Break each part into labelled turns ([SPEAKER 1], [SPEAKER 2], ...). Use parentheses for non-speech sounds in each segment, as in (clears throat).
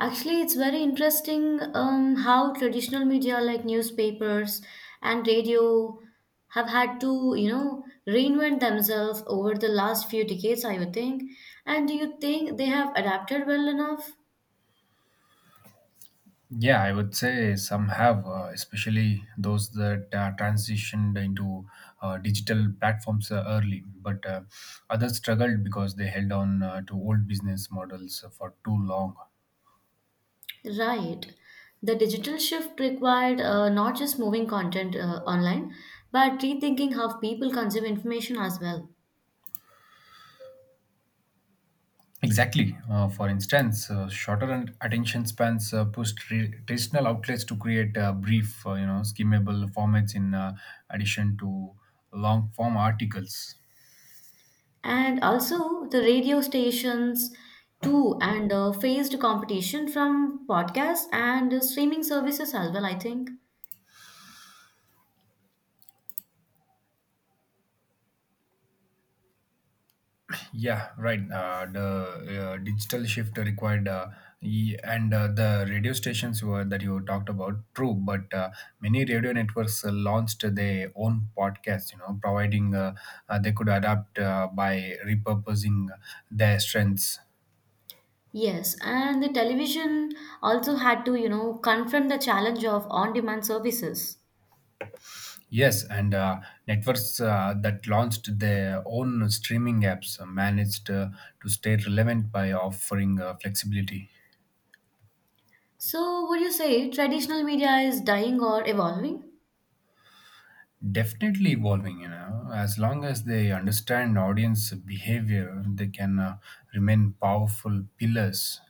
[SPEAKER 1] Actually, it's very interesting how traditional media like newspapers and radio have had to reinvent themselves over the last few decades, I would think. And do you think they have adapted well enough?
[SPEAKER 2] Yeah, I would say some have, especially those that transitioned into digital platforms early. But others struggled because they held on to old business models for too long.
[SPEAKER 1] Right. The digital shift required not just moving content online, but rethinking how people consume information as well.
[SPEAKER 2] Exactly. For instance, shorter and attention spans pushed traditional outlets to create brief, skimmable formats in addition to long form articles.
[SPEAKER 1] And also the radio stations too, and faced competition from podcasts and streaming services as well, I think.
[SPEAKER 2] Yeah, right. The digital shift required, e- and the radio stations were, that you talked about, true. But many radio networks launched their own podcasts. You know, providing they could adapt by repurposing their strengths.
[SPEAKER 1] Yes, and the television also had to confront the challenge of on demand services.
[SPEAKER 2] Yes, and networks that launched their own streaming apps managed to stay relevant by offering flexibility.
[SPEAKER 1] So would you say traditional media is dying or evolving?
[SPEAKER 2] Definitely evolving. You know, as long as they understand audience behavior, they can remain powerful pillars.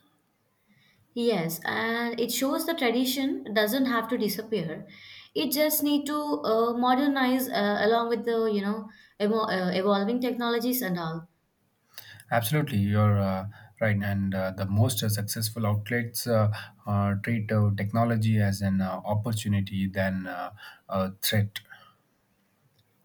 [SPEAKER 1] Yes, and it shows the tradition doesn't have to disappear. It just need to modernize along with the evolving technologies and all.
[SPEAKER 2] Absolutely, you're right, and the most successful outlets treat technology as an opportunity than a threat.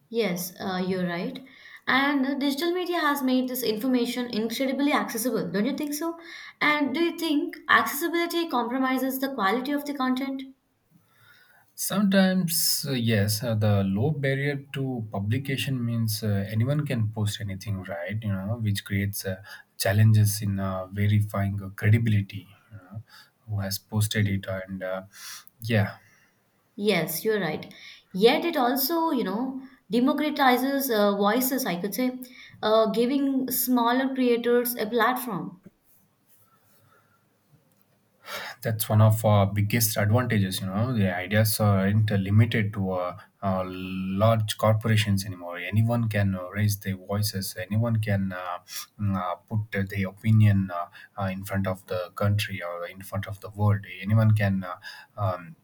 [SPEAKER 1] Yes, you're right. And digital media has made this information incredibly accessible, don't you think so? And do you think accessibility compromises the quality of the content?
[SPEAKER 2] Sometimes, yes, the low barrier to publication means anyone can post anything, right? You know, which creates challenges in verifying credibility. You know, who has posted it, and yeah.
[SPEAKER 1] Yes, you're right. Yet it also democratizes voices, I could say, giving smaller creators a platform.
[SPEAKER 2] That's one of our biggest advantages. You know, the ideas aren't limited to large corporations anymore. Anyone can raise their voices. Anyone can put their opinion in front of the country or in front of the world. Anyone can. Uh, um,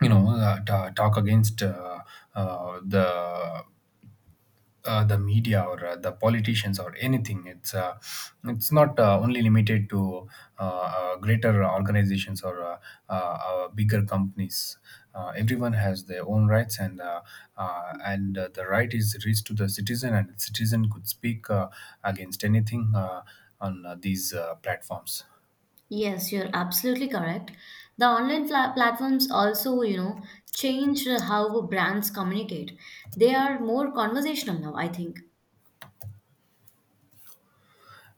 [SPEAKER 2] you know, ta talk against uh, the the media or the politicians or anything. It's not only limited to greater organizations or bigger companies. Everyone has their own rights, and the right is reached to the citizen, and citizen could speak against anything on these platforms.
[SPEAKER 1] Yes, you're absolutely correct. The online platforms also change how brands communicate. They are more conversational now, I think.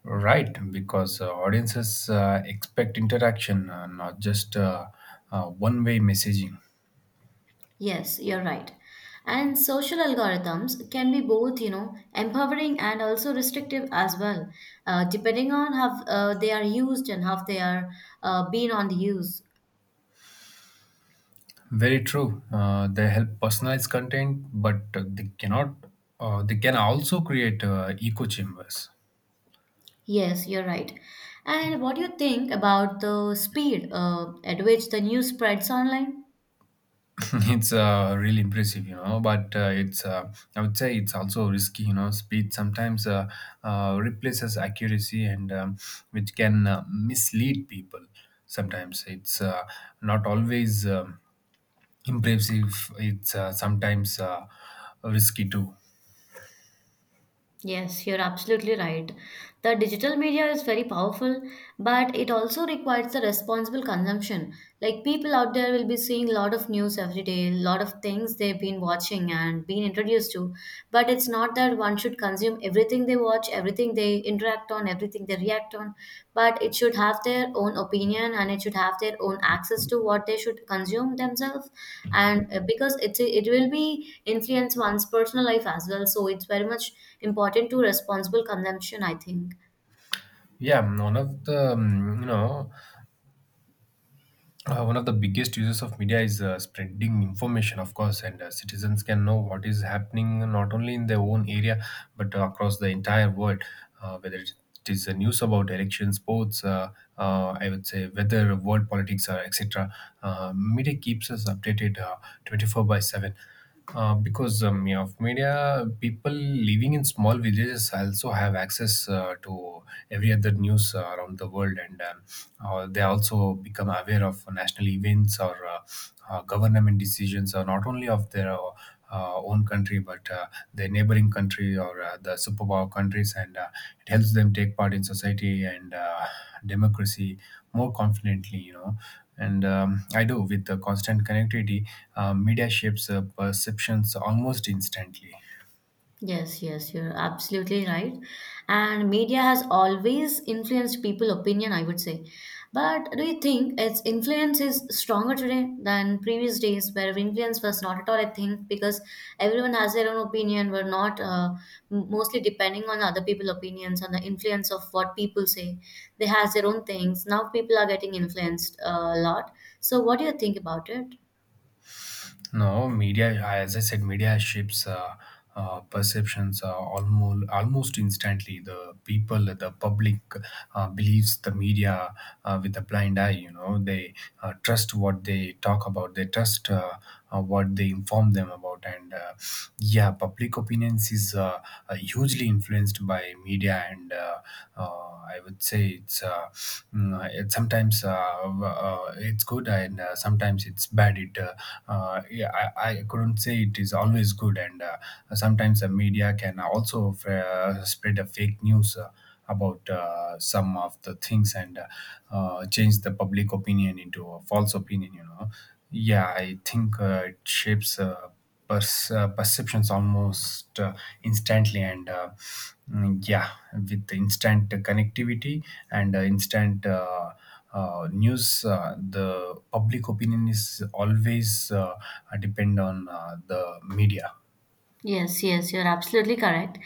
[SPEAKER 2] Right, because audiences expect interaction, not just one-way messaging.
[SPEAKER 1] Yes, you're right. And social algorithms can be both empowering and also restrictive as well, depending on how they are used and how they are being on the use.
[SPEAKER 2] Very true. They help personalize content, but they cannot. They can also create echo chambers.
[SPEAKER 1] Yes, you're right. And what do you think about the speed at which the news spreads online?
[SPEAKER 2] (laughs) It's really impressive, you know. But it's I would say it's also risky, you know. Speed sometimes replaces accuracy, and which can mislead people. Sometimes it's not always impressive. It's sometimes risky too.
[SPEAKER 1] Yes, you're absolutely right. The digital media is very powerful, but it also requires the responsible consumption. Like, people out there will be seeing a lot of news every day, a lot of things they've been watching and been introduced to. But it's not that one should consume everything they watch, everything they interact on, everything they react on. But it should have their own opinion and it should have their own access to what they should consume themselves, and because it will be influence one's personal life as well, so it's very much important to responsible consumption, I think.
[SPEAKER 2] Yeah, one of the biggest uses of media is spreading information, of course, and citizens can know what is happening not only in their own area but across the entire world. Whether it is news about elections, sports, I would say, weather, world politics, or etc. Media keeps us updated 24 by 7. Because yeah, of media, people living in small villages also have access to every other news around the world, and they also become aware of national events or government decisions, or not only of their own country but their neighboring country or the superpower countries, and it helps them take part in society and democracy more confidently. You know, and I do with the constant connectivity, media shapes perceptions almost instantly.
[SPEAKER 1] Yes, yes, you're absolutely right. And media has always influenced people opinion, I would say. But do you think its influence is stronger today than previous days where influence was not at all a thing, because everyone has their own opinion. We're not mostly depending on other people's opinions, on the influence of what people say. They has their own things. Now people are getting influenced a lot. So what do you think about it?
[SPEAKER 2] No, media, as I said, media shapes perceptions almost instantly. The people, the public, believes the media with a blind eye. You know, they trust what they talk about. They trust what they inform them about. And yeah, public opinions is hugely influenced by media and. I would say it sometimes it's good and sometimes it's bad. It Yeah, I couldn't say it is always good, and sometimes the media can also spread a fake news. About some of the things and change the public opinion into a false opinion, you know. Yeah, I think it shapes perceptions almost instantly, and yeah, with instant connectivity and instant news, the public opinion is always depend on the media.
[SPEAKER 1] Yes, yes, you're absolutely correct.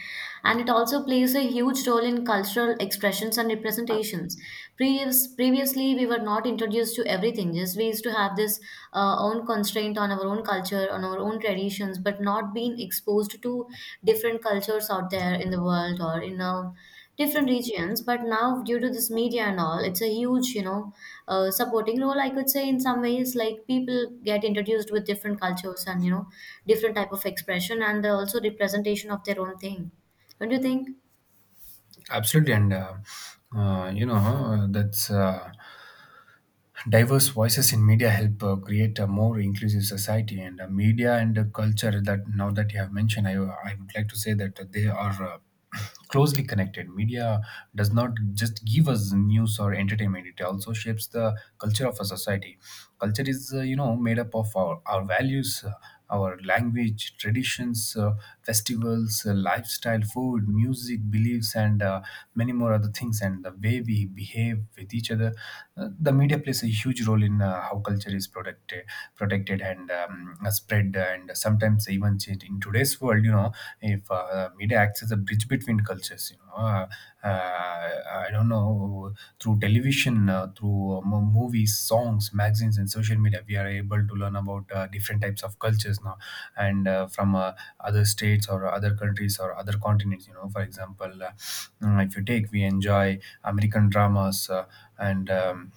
[SPEAKER 1] And it also plays a huge role in cultural expressions and representations. Previously, we were not introduced to everything. Just we used to have this own constraint on our own culture, on our own traditions, but not being exposed to different cultures out there in the world or in a different regions. But now due to this media and all, it's a huge supporting role, I could say, in some ways. Like, people get introduced with different cultures, and different type of expression and also representation of their own thing. Don't you think?
[SPEAKER 2] Absolutely. And you know, that's diverse voices in media help create a more inclusive society, and media and culture, that now that you have mentioned, I would like to say that they are (clears throat) closely connected. Media does not just give us news or entertainment, it also shapes the culture of a society. Culture is, made up of our values, our language, traditions, festivals, lifestyle, food, music, beliefs, and many more other things, and the way we behave with each other. The media plays a huge role in how culture is protected and spread and sometimes even changed in today's world, you know. If media acts as a bridge between cultures, you know. I don't know, through television, through movies, songs, magazines, and social media. We are able to learn about different types of cultures now, and from other states or other countries or other continents. You know, for example, if you take, we enjoy American dramas and.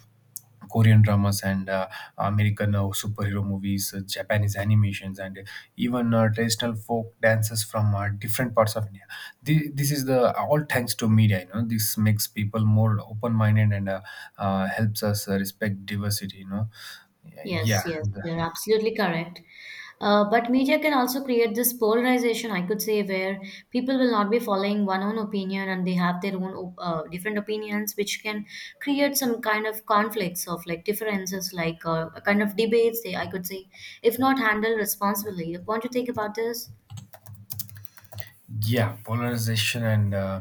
[SPEAKER 2] Korean dramas and American superhero movies, Japanese animations, and even traditional folk dances from different parts of India. This is the all thanks to media. You know, this makes people more open-minded and helps us respect diversity, you know. Yeah,
[SPEAKER 1] Yes, yes, you're absolutely correct. But media can also create this polarization, I could say, where people will not be following one own opinion and they have their own different opinions, which can create some kind of conflicts of like differences, like a kind of debates, they, I could say, if not handled responsibly. What do you think about this?
[SPEAKER 2] yeah, polarization, and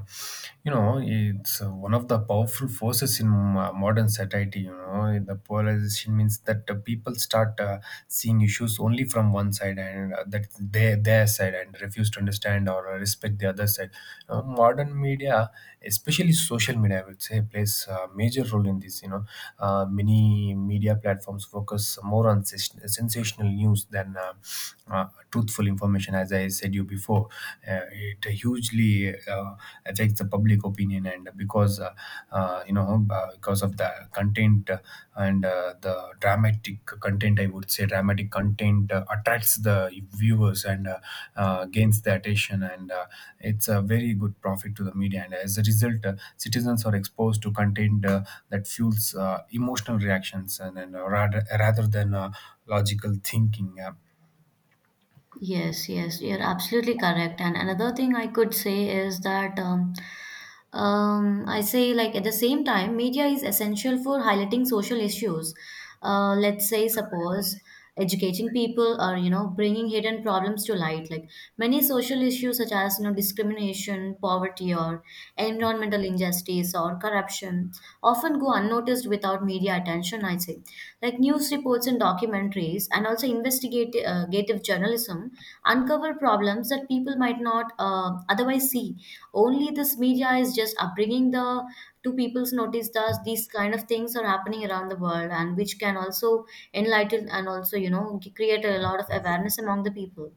[SPEAKER 2] you know, it's one of the powerful forces in modern society. You know, the polarization means that people start seeing issues only from one side, and that their side, and refuse to understand or respect the other side. Modern media, especially social media, I would say, plays a major role in this. You know, many media platforms focus more on sensational news than uh, truthful information. As I said you before, it hugely affects the public opinion, and because you know because of the content and the dramatic content, I would say, dramatic content attracts the viewers and gains the attention, and it's a very good profit to the media. And as a result, citizens are exposed to content that fuels emotional reactions and rather than logical thinking.
[SPEAKER 1] Yes, yes, you're absolutely correct. And another thing I could say is that, I say, like, at the same time, media is essential for highlighting social issues. Let's say, suppose educating people or, bringing hidden problems to light. Like, many social issues such as discrimination, poverty, or environmental injustice or corruption often go unnoticed without media attention. I say, like, news reports and documentaries and also investigative gative journalism uncover problems that people might not otherwise see. Only this media is just bringing the to people's notice that these kind of things are happening around the world, and which can also enlighten and also create a lot of awareness among the people.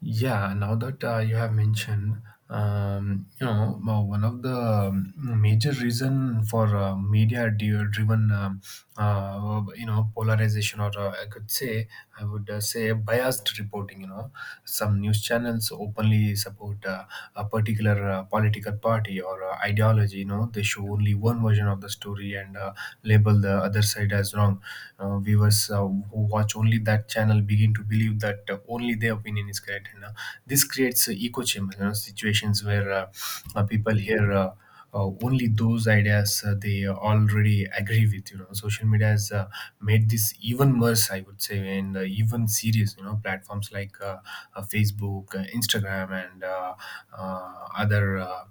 [SPEAKER 2] Yeah, now that you have mentioned, you know, one of the major reason for media driven, you know, polarization, or I could say, I would say biased reporting. You know, some news channels openly support a particular political party or ideology. You know, they show only one version of the story, and label the other side as wrong. Viewers who watch only that channel begin to believe that only their opinion is correct, and this creates echo chambers. You know, situations where people hear only those ideas they already agree with, you know. Social media has made this even worse, I would say, and even serious, you know, platforms like Facebook, Instagram, and other uh,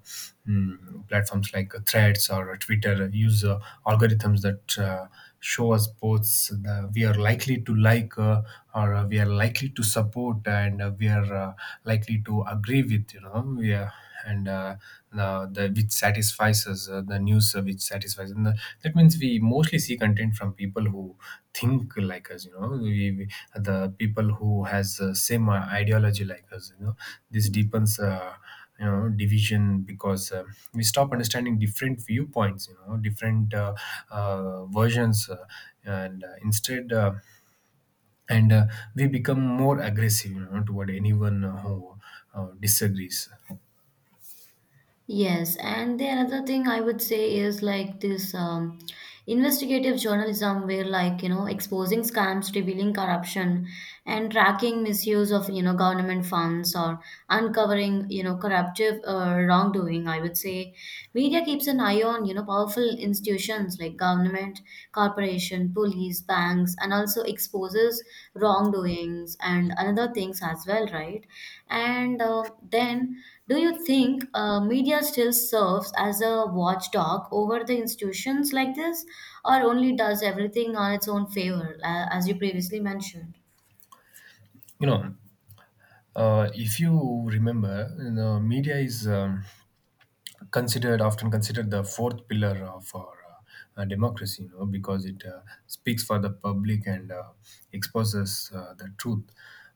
[SPEAKER 2] mm, platforms like Threads or Twitter use algorithms that show us posts that we are likely to like, or we are likely to support, and we are likely to agree with, you know. We are and the Which satisfies us, the news which satisfies us. And that means we mostly see content from people who think like us, you know. We the people who has same ideology like us, you know. This deepens you know division, because we stop understanding different viewpoints, you know, different versions, and instead, and we become more aggressive, you know, toward anyone who disagrees,
[SPEAKER 1] Yes, and the another thing I would say is like this, investigative journalism, where like exposing scams, revealing corruption, and tracking misuse of government funds or uncovering corruptive wrongdoing. I would say media keeps an eye on powerful institutions like government, corporation, police, banks, and also exposes wrongdoings and another things as well, right? And then do you think media still serves as a watchdog over the institutions like this, or only does everything on its own favor, as you previously mentioned?
[SPEAKER 2] you know. If you remember, you know, media is considered often considered the fourth pillar of our democracy, you know, because it speaks for the public and exposes the truth.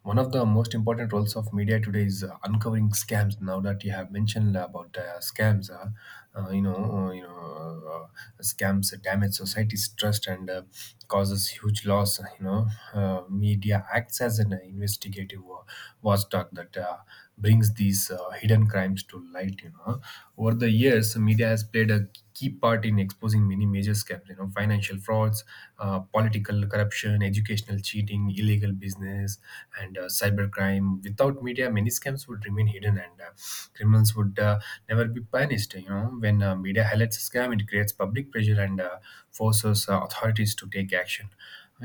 [SPEAKER 2] One of the most important roles of media today is uncovering scams. Now that you have mentioned about scams, scams damage society's trust, and causes huge loss. Media acts as an investigator investigative watchdog that brings these hidden crimes to light. Over the years media has played a key part in exposing many major scams, financial frauds, political corruption, educational cheating, illegal business, and cybercrime. Without media many scams would remain hidden, and criminals would never be punished. When media highlights a scam, it creates public pressure and forces authorities to take action,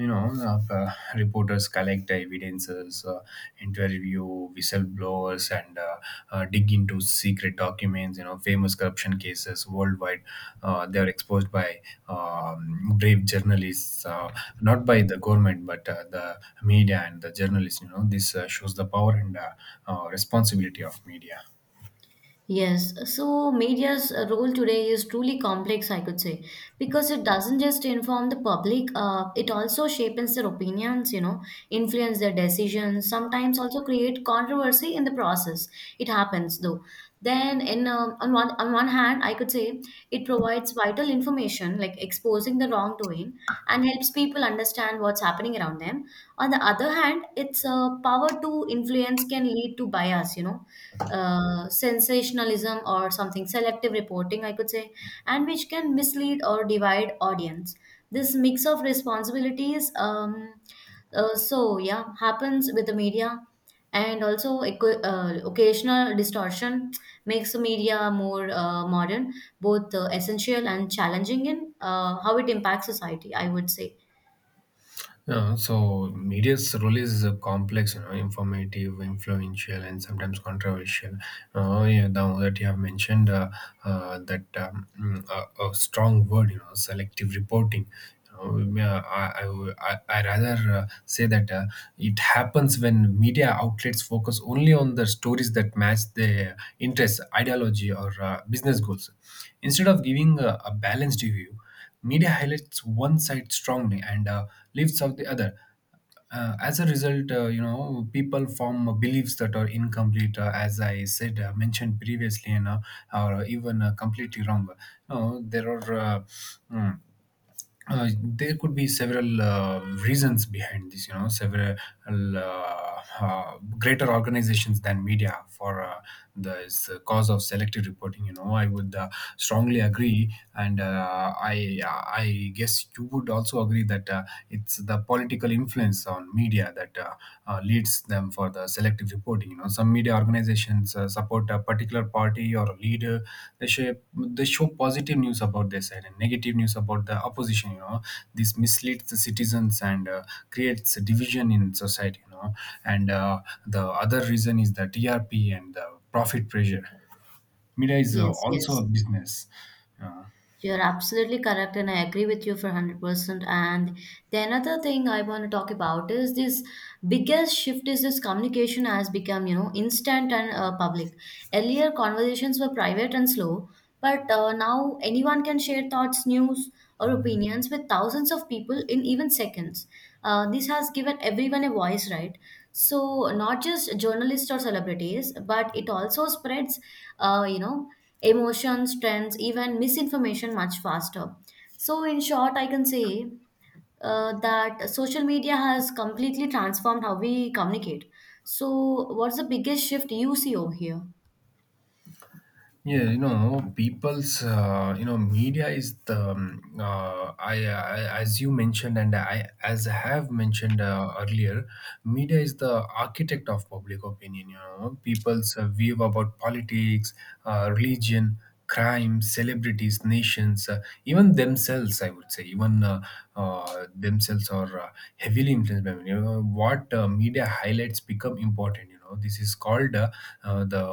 [SPEAKER 2] you know. Reporters collect evidences, interview whistleblowers, and dig into secret documents, you know. Famous corruption cases worldwide, they are exposed by brave journalists, not by the government but the media and the journalists, you know. This shows the power and responsibility of media.
[SPEAKER 1] Yes, so media's role today is truly complex, I could say, because it doesn't just inform the public. It also shapes their opinions, influence their decisions, sometimes also create controversy in the process. It happens though. Then, in on one hand, I could say it provides vital information like exposing the wrongdoing and helps people understand what's happening around them. On the other hand, its power to influence can lead to bias, sensationalism or something selective reporting, I could say, and which can mislead or divide audience. This mix of responsibilities, so yeah, happens with the media. And also occasional distortion makes the media more modern, both essential and challenging in how it impacts society, I would say.
[SPEAKER 2] Yeah, so media's role is complex, you know, informative, influential, and sometimes controversial. Yeah, now that you have mentioned that a strong word, you know, selective reporting. You know, yeah, I, w- I rather say that it happens when media outlets focus only on the stories that match their interests, ideology, or business goals. Instead of giving a balanced view, media highlights one side strongly and leaves out the other. As a result, you know, people form beliefs that are incomplete, as I said, mentioned previously, and are even completely wrong. No, there are mm, there could be several reasons behind this, you know, several greater organizations than media for this cause of selective reporting, you know. I would strongly agree, and I guess you would also agree that it's the political influence on media that leads them for the selective reporting. You know, some media organizations support a particular party or a leader. They show positive news about their side and negative news about the opposition. You know, this misleads the citizens and creates a division in society. You know, and the other reason is the TRP and the profit pressure. Media is
[SPEAKER 1] Yes,
[SPEAKER 2] also a
[SPEAKER 1] yes.
[SPEAKER 2] business. Uh,
[SPEAKER 1] You're absolutely correct, and I agree with you for 100%. And the another thing I want to talk about is this: biggest shift is this communication has become instant and public. Earlier, conversations were private and slow, but now anyone can share thoughts, news, or opinions with thousands of people in even seconds. This has given everyone a voice, right? So, not just journalists or celebrities, but it also spreads, uh, you know, emotions, trends, even misinformation much faster. So, in short, I can say that social media has completely transformed how we communicate. So, what's the biggest shift you see over here?
[SPEAKER 2] Yeah, you know, people's, you know, media is the, I, as you mentioned, and I, as I have mentioned earlier, media is the architect of public opinion. You know, people's view about politics, religion, crime, celebrities, nations, even themselves, I would say, even themselves are heavily influenced by media. You know, what media highlights become important, you know. This is called the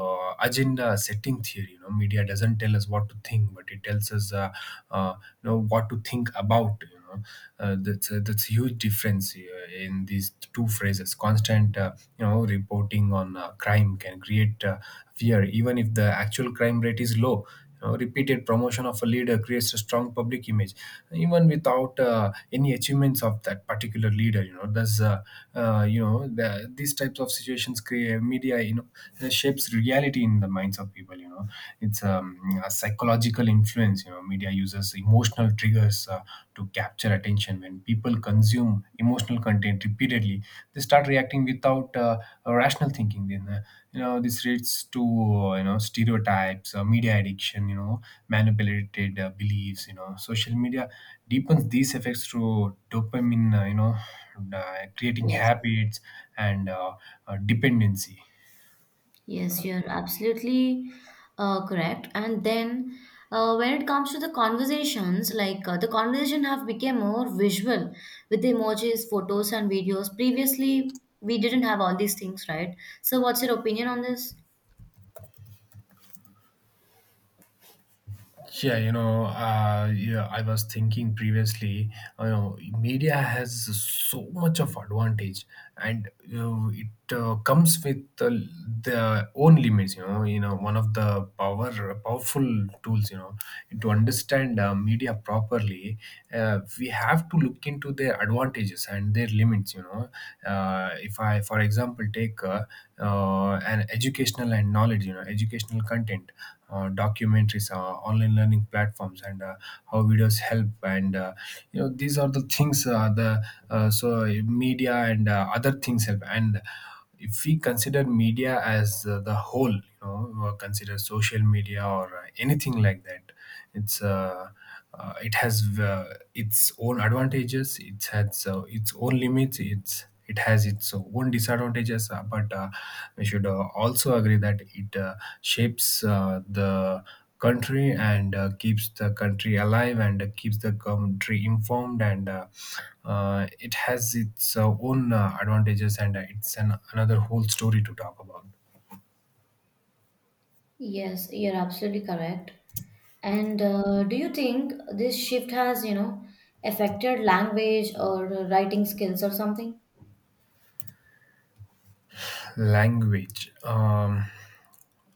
[SPEAKER 2] agenda setting theory. You know, media doesn't tell us what to think but it tells us uh, you know, what to think about, you know. That's a, that's a huge difference in these two phrases. Constant you know reporting on crime can create fear even if the actual crime rate is low. Repeated promotion of a leader creates a strong public image, even without any achievements of that particular leader. You know, does you know the, these types of situations create media? You know, shapes reality in the minds of people. You know, it's a psychological influence. You know, media uses emotional triggers to capture attention. When people consume emotional content repeatedly, they start reacting without. Rational thinking, then you know this leads to, you know, stereotypes, media addiction, you know, manipulated beliefs, you know. Social media deepens these effects through dopamine, you know, creating
[SPEAKER 1] Yes.
[SPEAKER 2] habits and dependency.
[SPEAKER 1] Yes, you're absolutely correct. And then, when it comes to the conversations, like the conversation have become more visual with emojis, photos, and videos. Previously, we didn't have all these things, right? So, what's your opinion on this?
[SPEAKER 2] Yeah, you know, yeah, I was thinking previously, you know, media has so much of advantage, and you know, it comes with the own limits. You know, one of the powerful tools. You know, to understand media properly, we have to look into their advantages and their limits. You know, if I, for example, take an educational and knowledge, you know, educational content, documentaries, online learning platforms, and how videos help. And you know, these are the things the so media and other things help. And if we consider media as the whole, you know, consider social media or anything like that, it's it has its own advantages. It has its own limits. It has its own disadvantages, but we should also agree that it shapes the country and keeps the country alive and keeps the country informed, and it has its own advantages, and it's an, another whole story to talk about.
[SPEAKER 1] Yes, you're absolutely correct. And do you think this shift has, affected language or writing skills or something?
[SPEAKER 2] Language,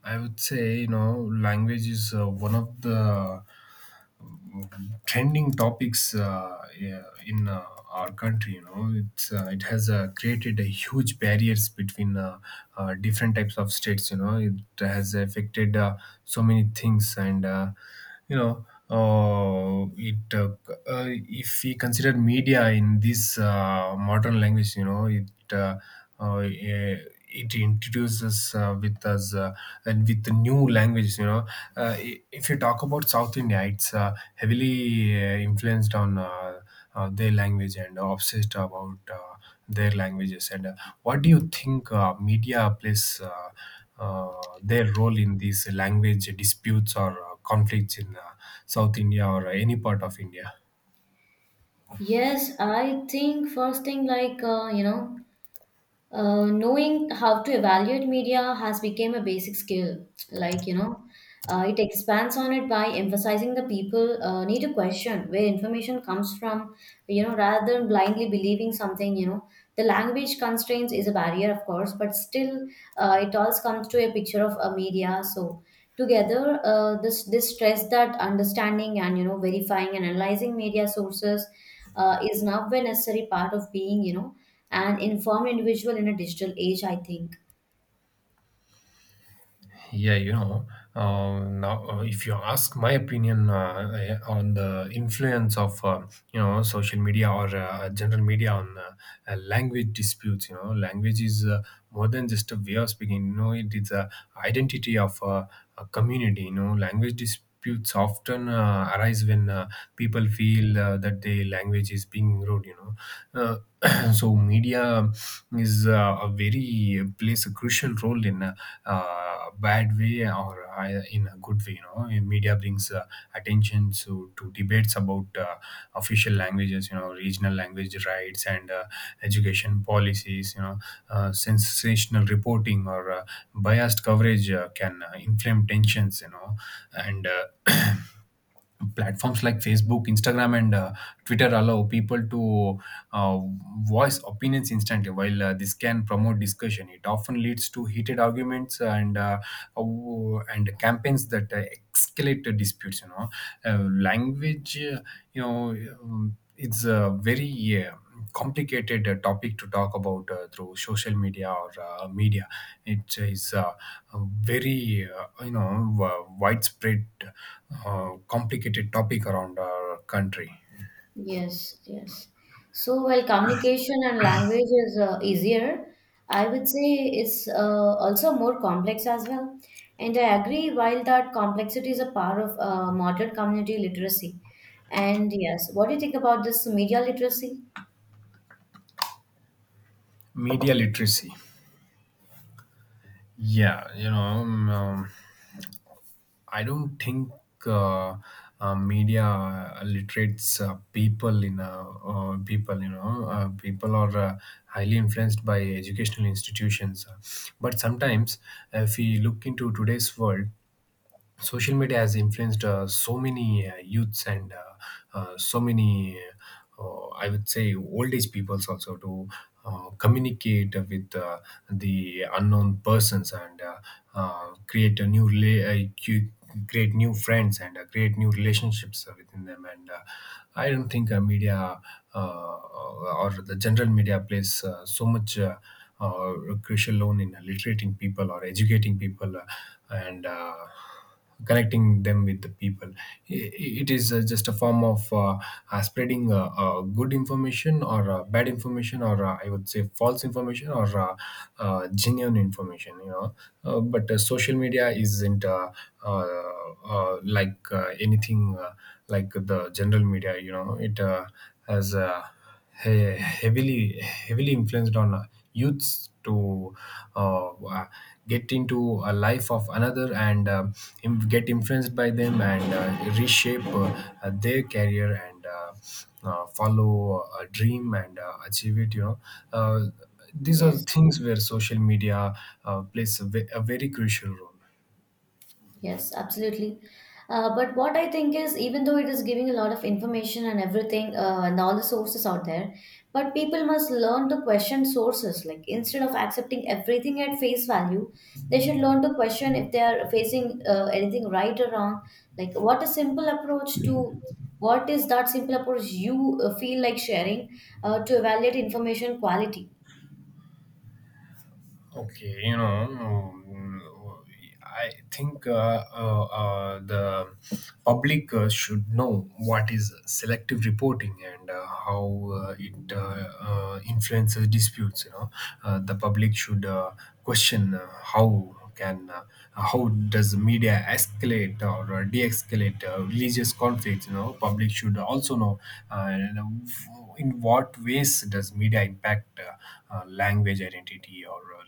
[SPEAKER 2] I would say, you know, language is one of the trending topics, yeah, in our country. You know, it's it has created a huge barriers between different types of states. You know, it has affected so many things, and you know, it if we consider media in this modern language, you know, it. Uh, eh, it introduces with us and with the new languages, you know. If you talk about South India, it's heavily influenced on their language and obsessed about their languages, and what do you think media plays uh, their role in these language disputes or conflicts in South India or any part of India?
[SPEAKER 1] Yes, I think first thing, like knowing how to evaluate media has become a basic skill. Like, it expands on it by emphasizing the people need to question where information comes from, rather than blindly believing something. The language constraints is a barrier, of course, but still, it all comes to a picture of a media. So together, this stress that understanding and verifying and analyzing media sources is now a necessary part of being an informed individual in a digital age. I think.
[SPEAKER 2] Yeah, you know, now if you ask my opinion, on the influence of you know, social media or general media on language disputes, you know, language is more than just a way of speaking. You know, it is a identity of a community. You know, language disputes often arise when people feel that their language is being rude. You know, uh, (clears throat) so media is a very plays a crucial role in a, bad way or in a good way. You know, media brings attention to debates about official languages, you know, regional language rights and education policies, you know. Sensational reporting or biased coverage can inflame tensions, you know. And uh, (clears throat) platforms like Facebook, Instagram, and Twitter allow people to uh, voice opinions instantly. While this can promote discussion, it often leads to heated arguments and campaigns that escalate to disputes. You know, language. You know, it's a very complicated topic to talk about through social media or media. It is. Very you know widespread complicated topic around our country.
[SPEAKER 1] Yes, yes. So while communication and language is easier, I would say it's also more complex as well. And I agree, while that complexity is a part of modern community literacy. And yes, what do you think about this media literacy?
[SPEAKER 2] Media literacy, yeah, you know, I don't think uh, media literates people in people, you know, people are highly influenced by educational institutions, but sometimes if we look into today's world, social media has influenced so many youths and so many I would say old age peoples also, to communicate with the unknown persons and create a new create new friends and create new relationships within them. And I don't think media uh, or the general media plays so much uh, crucial role in literating people or educating people, and connecting them with the people. I- it is just a form of spreading good information or bad information or I would say false information or genuine information, you know. But social media isn't uh, like anything like the general media. You know, it has heavily influenced on youths to uh, uh, get into a life of another, and get influenced by them and reshape their career and follow a dream and achieve it, you know. uh, these are
[SPEAKER 1] Yes.
[SPEAKER 2] things where social media plays a, a very crucial role.
[SPEAKER 1] Yes, absolutely. But what I think is, even though it is giving a lot of information and everything, and all the sources out there, but people must learn to question sources. Like, instead of accepting everything at face value, they should learn to question if they are facing anything right or wrong. Like what a simple approach to what is that simple approach you feel like sharing to evaluate information quality?
[SPEAKER 2] Okay, you know, I think the public should know what is selective reporting and how it influences disputes. You know, the public should question how can how does media escalate or de-escalate religious conflicts. You know, public should also know you know, in what ways does media impact language identity or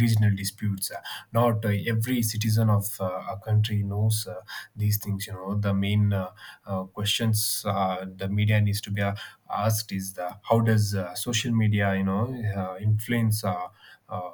[SPEAKER 2] regional disputes. Not every citizen of a country knows these things, you know. The main questions the media needs to be asked is the how does social media, you know, influence uh,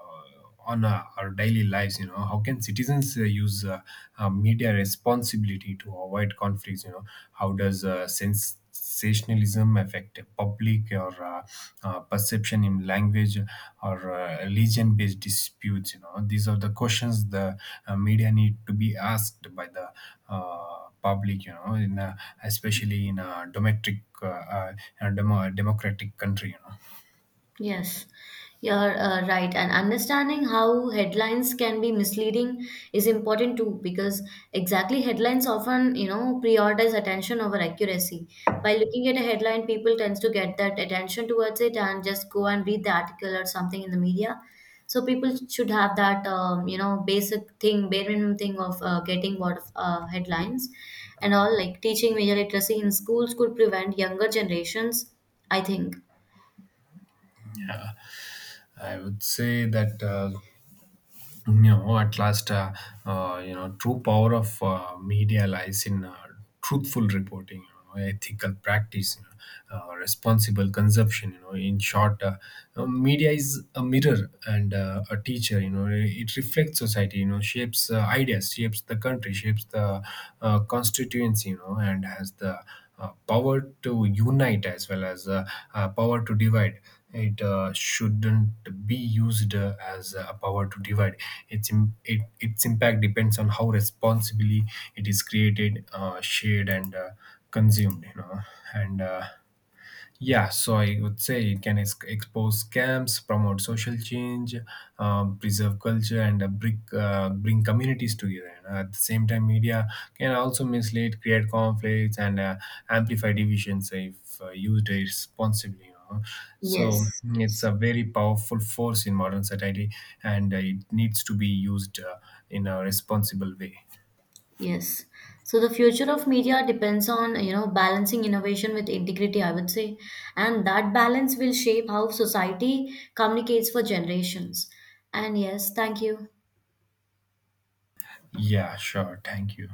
[SPEAKER 2] on our daily lives. You know, how can citizens use media responsibility to avoid conflicts? You know, how does sensationalism affect public or perception in language or religion based disputes? You know, these are the questions the media need to be asked by the public, you know. In especially in a domestic in a democratic country, you know.
[SPEAKER 1] Yes, you're right. And understanding how headlines can be misleading is important too, because exactly headlines often prioritize attention over accuracy. By looking at a headline, people tends to get that attention towards it and just go and read the article or something in the media. So people should have that basic thing, bare minimum thing of getting what headlines and all. Like, teaching media literacy in schools could prevent younger generations, I think.
[SPEAKER 2] I would say that you know at last, you know true power of media lies in truthful reporting, you know, ethical practice, you know, responsible consumption, you know. In short, media is a mirror and a teacher. You know, it reflects society, you know, shapes ideas, shapes the country, shapes the constituency, you know, and has the power to unite as well as power to divide. It shouldn't be used as a power to divide. Its impact depends on how responsibly it is created, shared, and consumed. You know, and yeah, so I would say it can expose scams, promote social change, preserve culture, and bring communities together. And at the same time, media can also mislead, create conflicts, and amplify divisions if used responsibly. You know? So
[SPEAKER 1] Yes.
[SPEAKER 2] it's
[SPEAKER 1] Yes.
[SPEAKER 2] a very powerful force in modern society, and it needs to be used in a responsible way.
[SPEAKER 1] Yes. So the future of media depends on balancing innovation with integrity, I would say. And that balance will shape how society communicates for generations. And yes, thank you.
[SPEAKER 2] Yeah, sure. Thank you.